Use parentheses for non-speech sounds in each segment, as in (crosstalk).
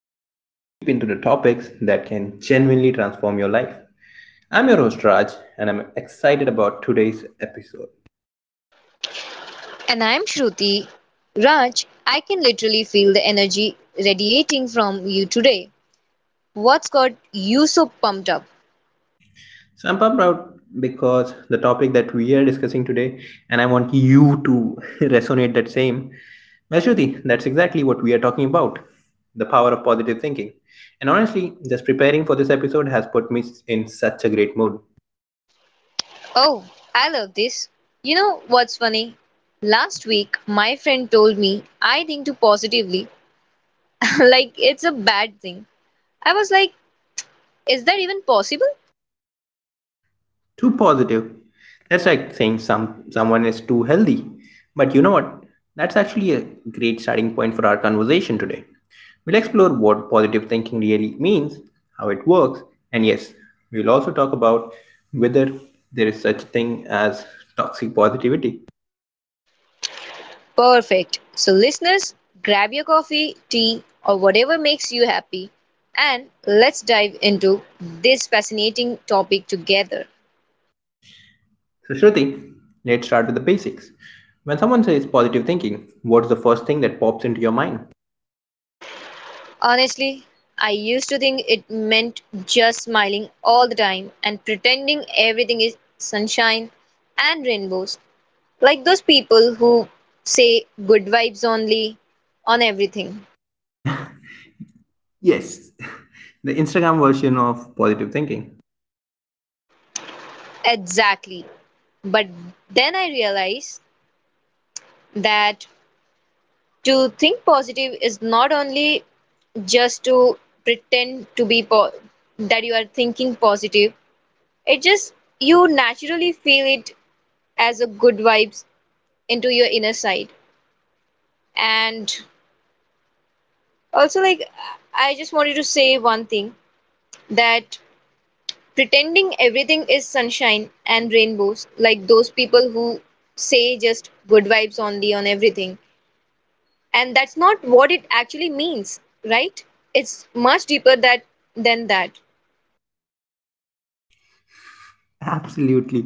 where we dive deep into the topics that can genuinely transform your life. I'm your host, Raj, and I'm excited about today's episode. And I'm Shruti. Raj, I can literally feel the energy radiating from you today. What's got you so pumped up? So, I'm proud because the topic that we are discussing today, and I want you to (laughs) resonate that same. Well, Shruti, that's exactly what we are talking about the power of positive thinking. And honestly, just preparing for this episode has put me in such a great mood. Oh, I love this. You know what's funny? Last week, my friend told me I think too positively, (laughs) like it's a bad thing. I was like, is that even possible? Too positive. That's like saying someone is too healthy. But you know what? That's actually a great starting point for our conversation today. We'll explore what positive thinking really means, how it works, and yes, we'll also talk about whether there is such a thing as toxic positivity. Perfect. So, listeners, grab your coffee, tea, or whatever makes you happy, and let's dive into this fascinating topic together. So Shruti, let's start with the basics. When someone says positive thinking, what's the first thing that pops into your mind? Honestly, I used to think it meant just smiling all the time and pretending everything is sunshine and rainbows, like those people who say good vibes only on everything. Yes, (laughs) the Instagram version of positive thinking. Exactly. But then I realized that to think positive is not only just to pretend to be po- that you are thinking positive, it just you naturally feel it as a good vibes into your inner side. And also, I just wanted to say one thing that pretending everything is sunshine and rainbows, like those people who say just good vibes only on everything, and that's not what it actually means, right? It's much deeper that than that. Absolutely.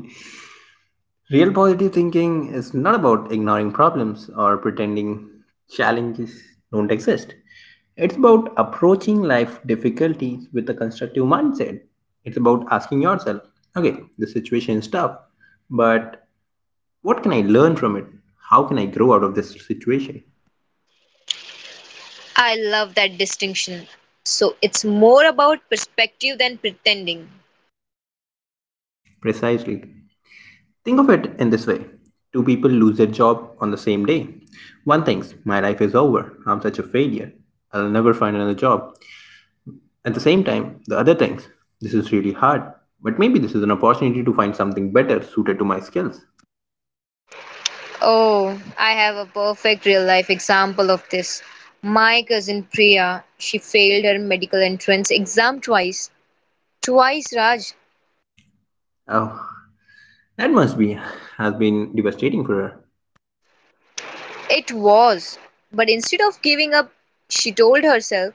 Real positive thinking is not about ignoring problems or pretending challenges don't exist. It's about approaching life difficulties with a constructive mindset. It's about asking yourself, okay, the situation is tough, but what can I learn from it? How can I grow out of this situation? I love that distinction. So it's more about perspective than pretending. Precisely. Think of it in this way, two people lose their job on the same day. One thinks, my life is over, I'm such a failure, I'll never find another job. At the same time, the other things. This is really hard, but maybe this is an opportunity to find something better suited to my skills. Oh, I have a perfect real life example of this. My cousin Priya, she failed her medical entrance exam twice. Twice, Raj. Oh, that must be, has been devastating for her. It was. But instead of giving up, she told herself,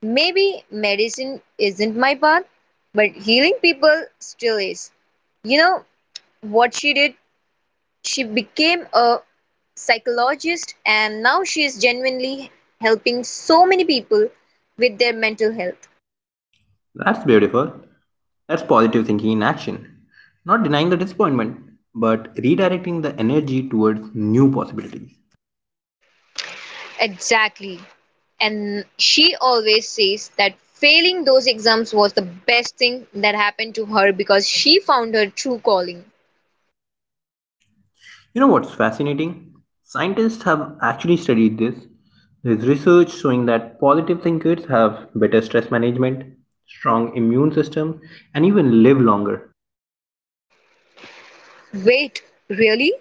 maybe medicine isn't my path, but healing people still is. You know what she did? She became a psychologist and now she is genuinely helping so many people with their mental health. That's beautiful. That's positive thinking in action. Not denying the disappointment, but redirecting the energy towards new possibilities. Exactly. And she always says that failing those exams was the best thing that happened to her because she found her true calling. You know what's fascinating? Scientists have actually studied this. There's research showing that positive thinkers have better stress management, strong immune systems, and even live longer. Wait, really?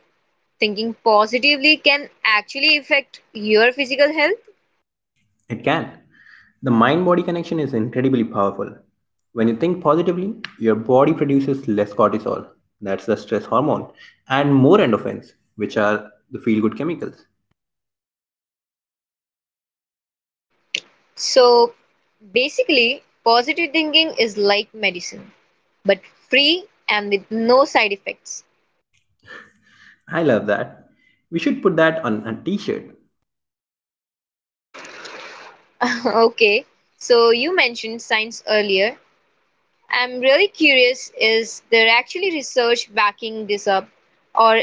Thinking positively can actually affect your physical health? It can. The mind body connection is incredibly powerful. When you think positively, your body produces less cortisol, that's the stress hormone, and more endorphins, which are the feel good chemicals. So basically, positive thinking is like medicine, but free and with no side effects. I love that. We should put that on a t shirt. (laughs) Okay, so you mentioned science earlier. I'm really curious, is there actually research backing this up, or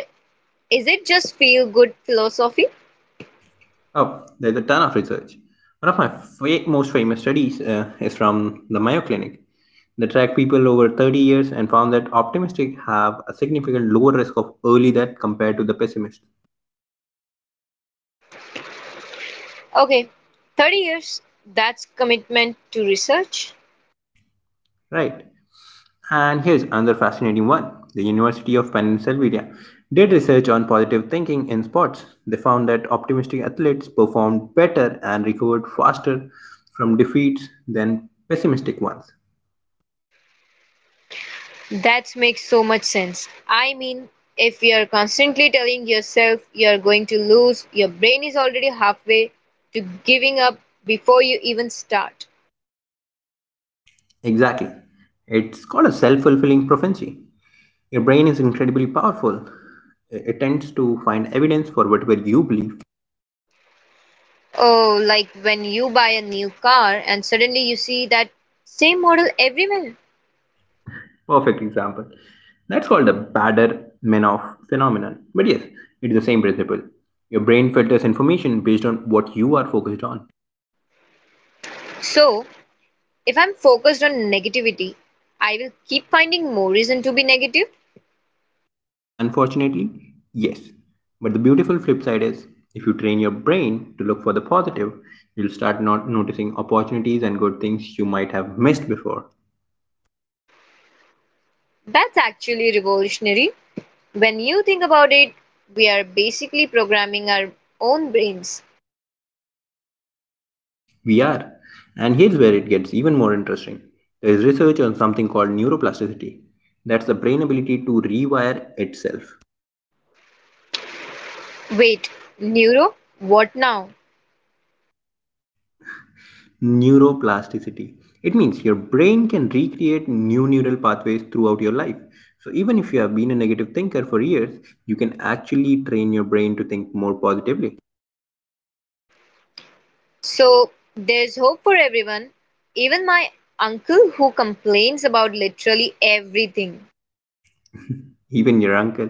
is it just feel good philosophy? Oh, there's a ton of research. One of my most famous studies is from the Mayo Clinic. They tracked people over 30 years and found that optimistic have a significant lower risk of early death compared to the pessimists. Okay, 30 years, that's commitment to research. Right. And here's another fascinating one. The University of Pennsylvania did research on positive thinking in sports. They found that optimistic athletes performed better and recovered faster from defeats than pessimistic ones. That makes so much sense. I mean, if you're constantly telling yourself you're going to lose, your brain is already halfway to giving up before you even start. Exactly. It's called a self fulfilling prophecy. Your brain is incredibly powerful. It tends to find evidence for whatever you believe. Oh, like when you buy a new car and suddenly you see that same model everywhere. Perfect example, that's called the bader menoff phenomenon, but yes, it's the same principle. Your brain filters information based on what you are focused on. So, if I'm focused on negativity, I will keep finding more reason to be negative. Unfortunately, yes, but the beautiful flip side is, if you train your brain to look for the positive, you'll start not noticing opportunities and good things you might have missed before. That's actually revolutionary. When you think about it, we are basically programming our own brains. We are, and here's where it gets even more interesting. There is research on something called neuroplasticity. That's the brain ability to rewire itself. Wait, neuro? What now? Neuroplasticity, it means your brain can recreate new neural pathways throughout your life. So even if you have been a negative thinker for years, you can actually train your brain to think more positively. So there's hope for everyone, even my uncle who complains about literally everything. Even your uncle,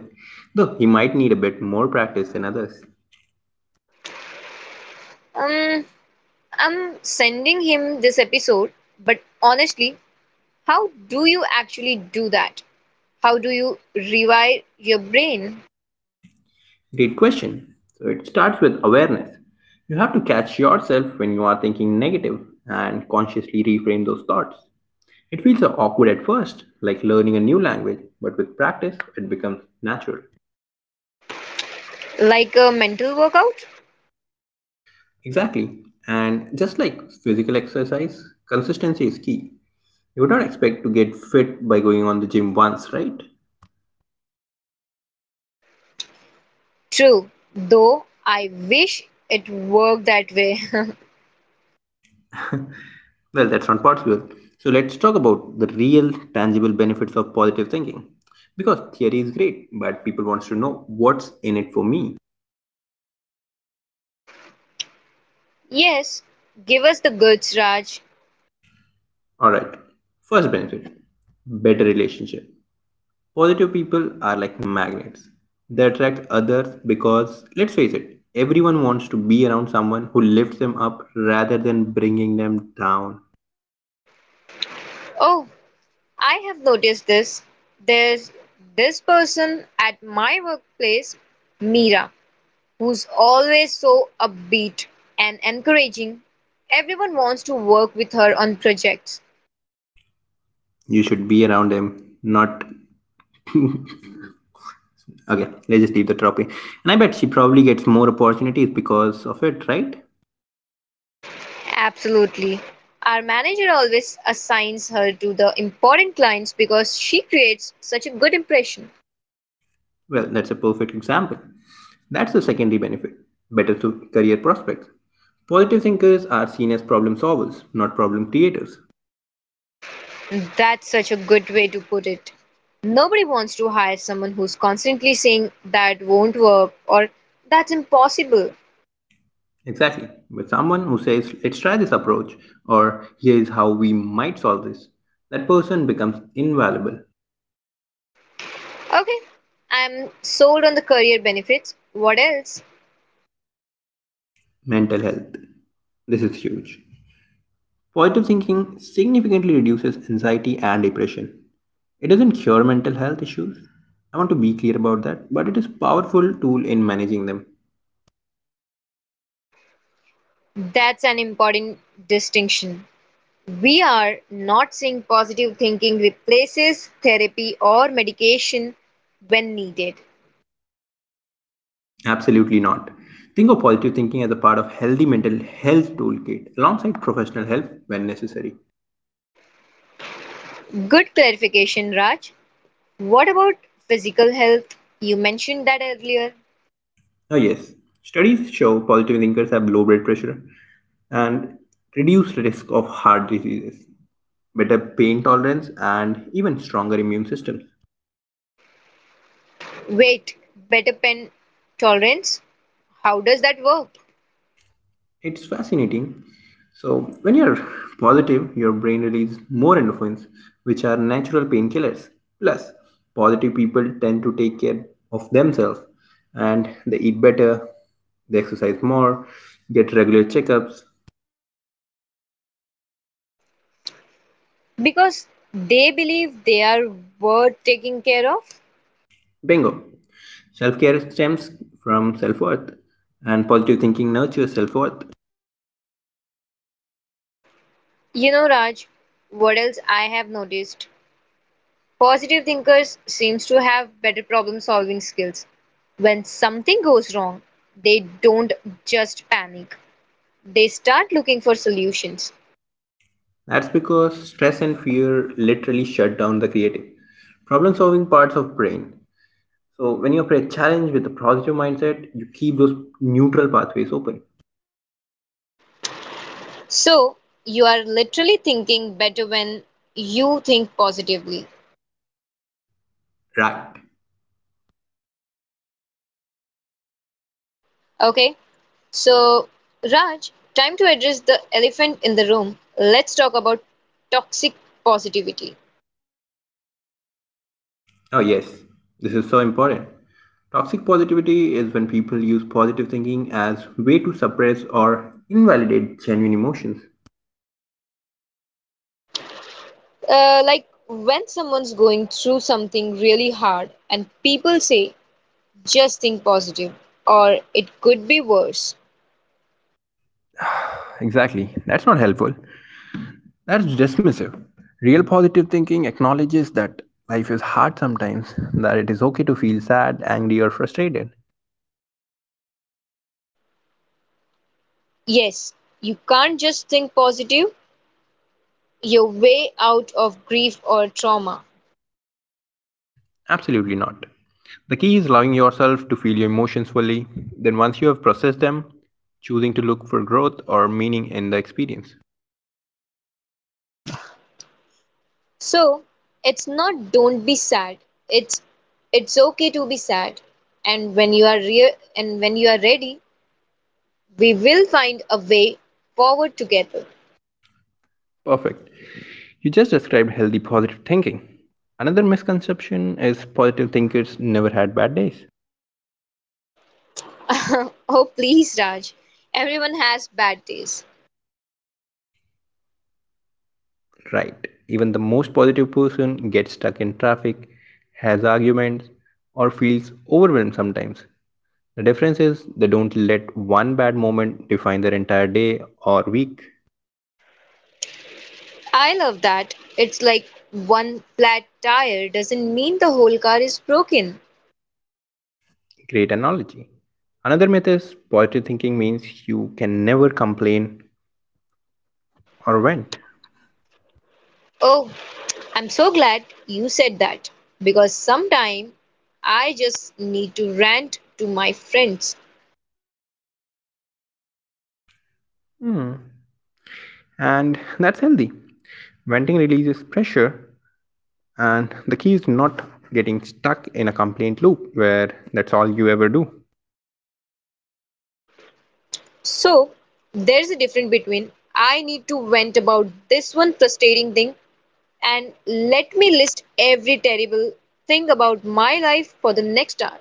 though he might need a bit more practice than others. Um, I'm sending him this episode, but honestly, how do you actually do that? How do you rewire your brain? Great question. So it starts with awareness. You have to catch yourself when you are thinking negative and consciously reframe those thoughts. It feels so awkward at first, like learning a new language, but with practice it becomes natural. Like a mental workout? Exactly. And just like physical exercise, consistency is key. You would not expect to get fit by going on the gym once, right? True, though I wish it worked that way. (laughs) Well, that's not possible. So let's talk about the real tangible benefits of positive thinking. Because theory is great, but people want to know what's in it for me. Yes, give us the goods, Raj. All right. First benefit, better relationship. Positive people are like magnets. They attract others because, let's face it, everyone wants to be around someone who lifts them up rather than bringing them down. Oh, I have noticed this. There's this person at my workplace, Meera, who's always so upbeat and encouraging. Everyone wants to work with her on projects. You should be around them, not. (laughs) Okay, let's just leave the topic. And I bet she probably gets more opportunities because of it, right? Absolutely. Our manager always assigns her to the important clients because she creates such a good impression. Well, that's a perfect example. That's the secondary benefit, better to career prospects. Positive thinkers are seen as problem solvers, not problem creators. That's such a good way to put it. Nobody wants to hire someone who's constantly saying that won't work or that's impossible. Exactly. With someone who says, let's try this approach, or here is how we might solve this, that person becomes invaluable. Okay, I'm sold on the career benefits. What else? Mental health. This is huge. Positive thinking significantly reduces anxiety and depression. It doesn't cure mental health issues. I want to be clear about that, but it is a powerful tool in managing them. That's an important distinction. We are not saying positive thinking replaces therapy or medication when needed. Absolutely not. Think of positive thinking as a part of healthy mental health toolkit alongside professional help when necessary. Good clarification, Raj. What about physical health? You mentioned that earlier. Ah, yes. Studies show positive thinkers have low blood pressure and reduced risk of heart diseases, better pain tolerance, and even stronger immune systems. Wait, better pen tolerance? How does that work? It's fascinating. So, when you're positive, your brain releases more endorphins, which are natural painkillers. Plus, positive people tend to take care of themselves, and they eat better, they exercise more, get regular checkups. Because they believe they are worth taking care of. Bingo. Self care stems from self worth, and positive thinking nurtures self worth. You know, Raj, what else I have noticed? Positive thinkers seems to have better problem solving skills. When something goes wrong, they don't just panic. They start looking for solutions. That's because stress and fear literally shut down the creative, problem solving parts of brain. So when you approach challenge with a positive mindset, you keep those neutral pathways open. So you are literally thinking better when you think positively. Right. Okay? So, Raj, time to address the elephant in the room. Let's talk about toxic positivity. Oh yes, this is so important. Toxic positivity is when people use positive thinking as way to suppress or invalidate genuine emotions. Like when someone's going through something really hard and people say, just think positive, or it could be worse. Exactly. That's not helpful. That's dismissive. Real positive thinking acknowledges that life is hard sometimes, that it is okay to feel sad, angry, or frustrated. Yes, you can't just think positive your way out of grief or trauma. Absolutely not. The key is allowing yourself to feel your emotions fully, then, once you have processed them, choosing to look for growth or meaning in the experience. So, it's not don't be sad. It's it's okay to be sad. And when you are and when you are ready, we will find a way forward together. Perfect. You just described healthy positive thinking. Another misconception is positive thinkers never had bad days. (laughs) Oh please, Raj. Everyone has bad days. Right. Even the most positive person gets stuck in traffic, has arguments, or feels overwhelmed sometimes. The difference is they don't let one bad moment define their entire day or week. I love that. It's like one flat tire doesn't mean the whole car is broken. Great analogy. Another myth is positive thinking means you can never complain or vent. Oh, I'm so glad you said that because sometime I just need to rant to my friends. And (laughs) that's healthy. Venting releases pressure, and the key is not getting stuck in a complaint loop where that's all you ever do. So there's a difference between I need to vent about this one frustrating thing and let me list every terrible thing about my life for the next hour.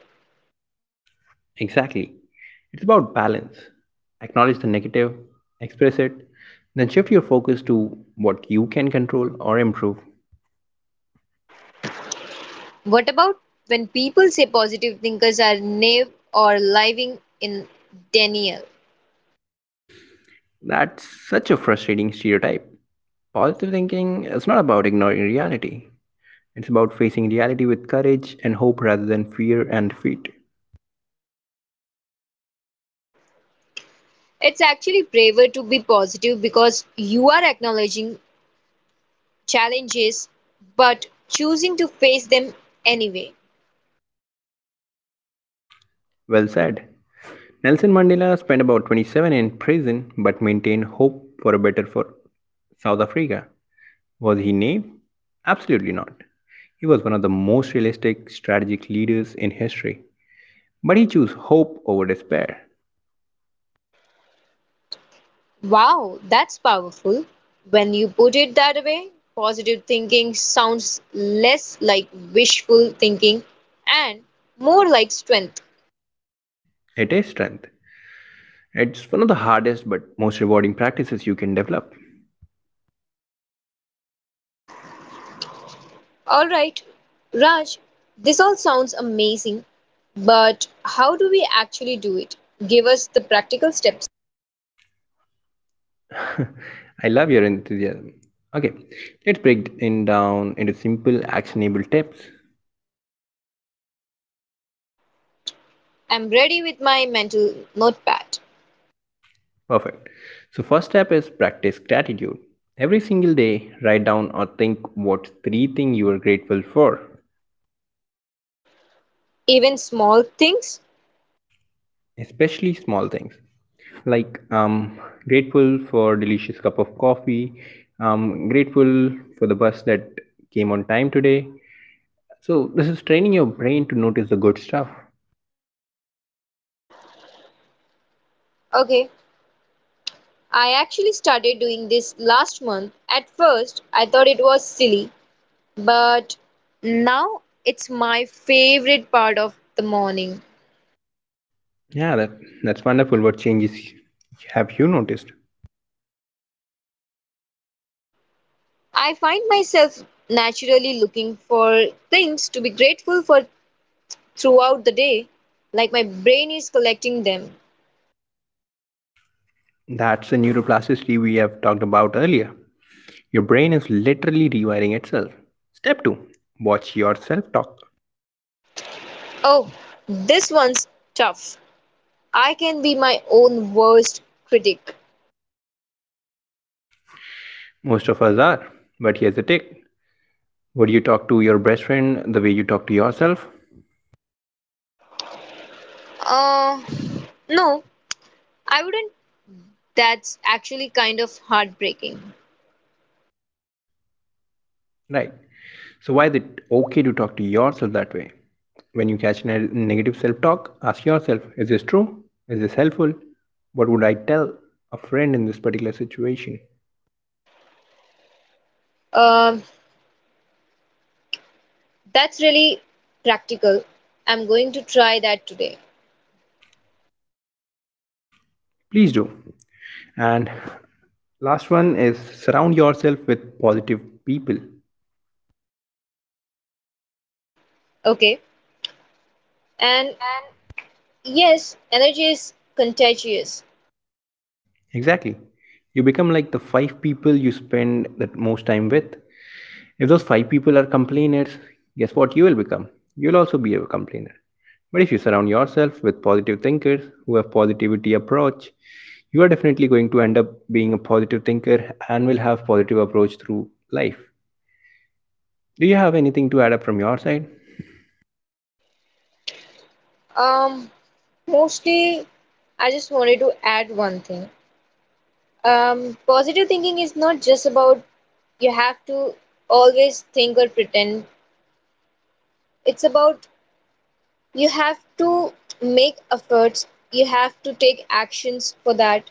Exactly. It's about balance. Acknowledge the negative, express it, then shift your focus to what you can control or improve. What about when people say positive thinkers are naive or living in denial? That's such a frustrating stereotype. Positive thinking is not about ignoring reality, it's about facing reality with courage and hope rather than fear and defeat. It's actually braver to be positive because you are acknowledging challenges but choosing to face them anyway. Well said. Nelson Mandela spent about 27 in prison but maintained hope for a better for South Africa. Was he naive? Absolutely not. He was one of the most realistic strategic leaders in history. But he chose hope over despair. Wow, that's powerful. When you put it that way, positive thinking sounds less like wishful thinking and more like strength. It is strength. It's one of the hardest but most rewarding practices you can develop. All right, Raj, this all sounds amazing, but how do we actually do it? Give us the practical steps. (laughs) I love your enthusiasm. Okay, let's break it down into simple actionable tips. I'm ready with my mental notepad. Perfect. So, first step is practice gratitude. Every single day, write down or think what three things you are grateful for, Even small things? especially small things. Like, grateful for delicious cup of coffee, grateful for the bus that came on time today. So, this is training your brain to notice the good stuff. Okay, I actually started doing this last month. At first, I thought it was silly, but now it's my favorite part of the morning. Yeah, that's wonderful. What changes have you noticed? I find myself naturally looking for things to be grateful for throughout the day, like my brain is collecting them. That's the neuroplasticity we have talked about earlier. Your brain is literally rewiring itself. Step 2, watch your self talk. Oh, this one's tough. I can be my own worst critic. Most of us are, but here's the tip: would you talk to your best friend the way you talk to yourself? Uh, no, I wouldn't. That's actually kind of heartbreaking. Right. So, why is it okay to talk to yourself that way? When you catch negative self talk, ask yourself, is this true? Is this helpful? What would I tell a friend in this particular situation? Um, that's really practical. I'm going to try that today. Please do. And last one is, surround yourself with positive people. Okay. And yes, energy is contagious. Exactly, you become like the 5 people you spend the most time with. If those 5 people are complainers, guess what you will become, you'll also be a complainer. But if you surround yourself with positive thinkers who have positivity approach, you are definitely going to end up being a positive thinker and will have positive approach through life. Do you have anything to add up from your side? Um, mostly, I just wanted to add one thing. Positive thinking is not just about you have to always think or pretend. It's about you have to make efforts, you have to take actions for that.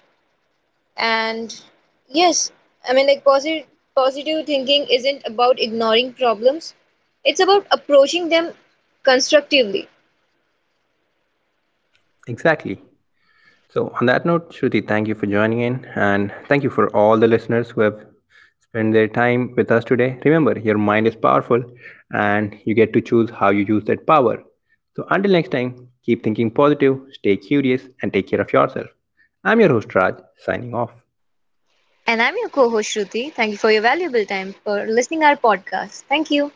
And yes, positive positive thinking isn't about ignoring problems. It's about approaching them constructively. Exactly. So, on that note, Shruti, thank you for joining in, and thank you for all the listeners who have spent their time with us today. Remember, your mind is powerful, and you get to choose how you use that power. So, until next time, keep thinking positive, stay curious, and take care of yourself. I'm your host, Raj, signing off. And I'm your co-host Shruti. Thank you for your valuable time for listening our podcast. Thank you.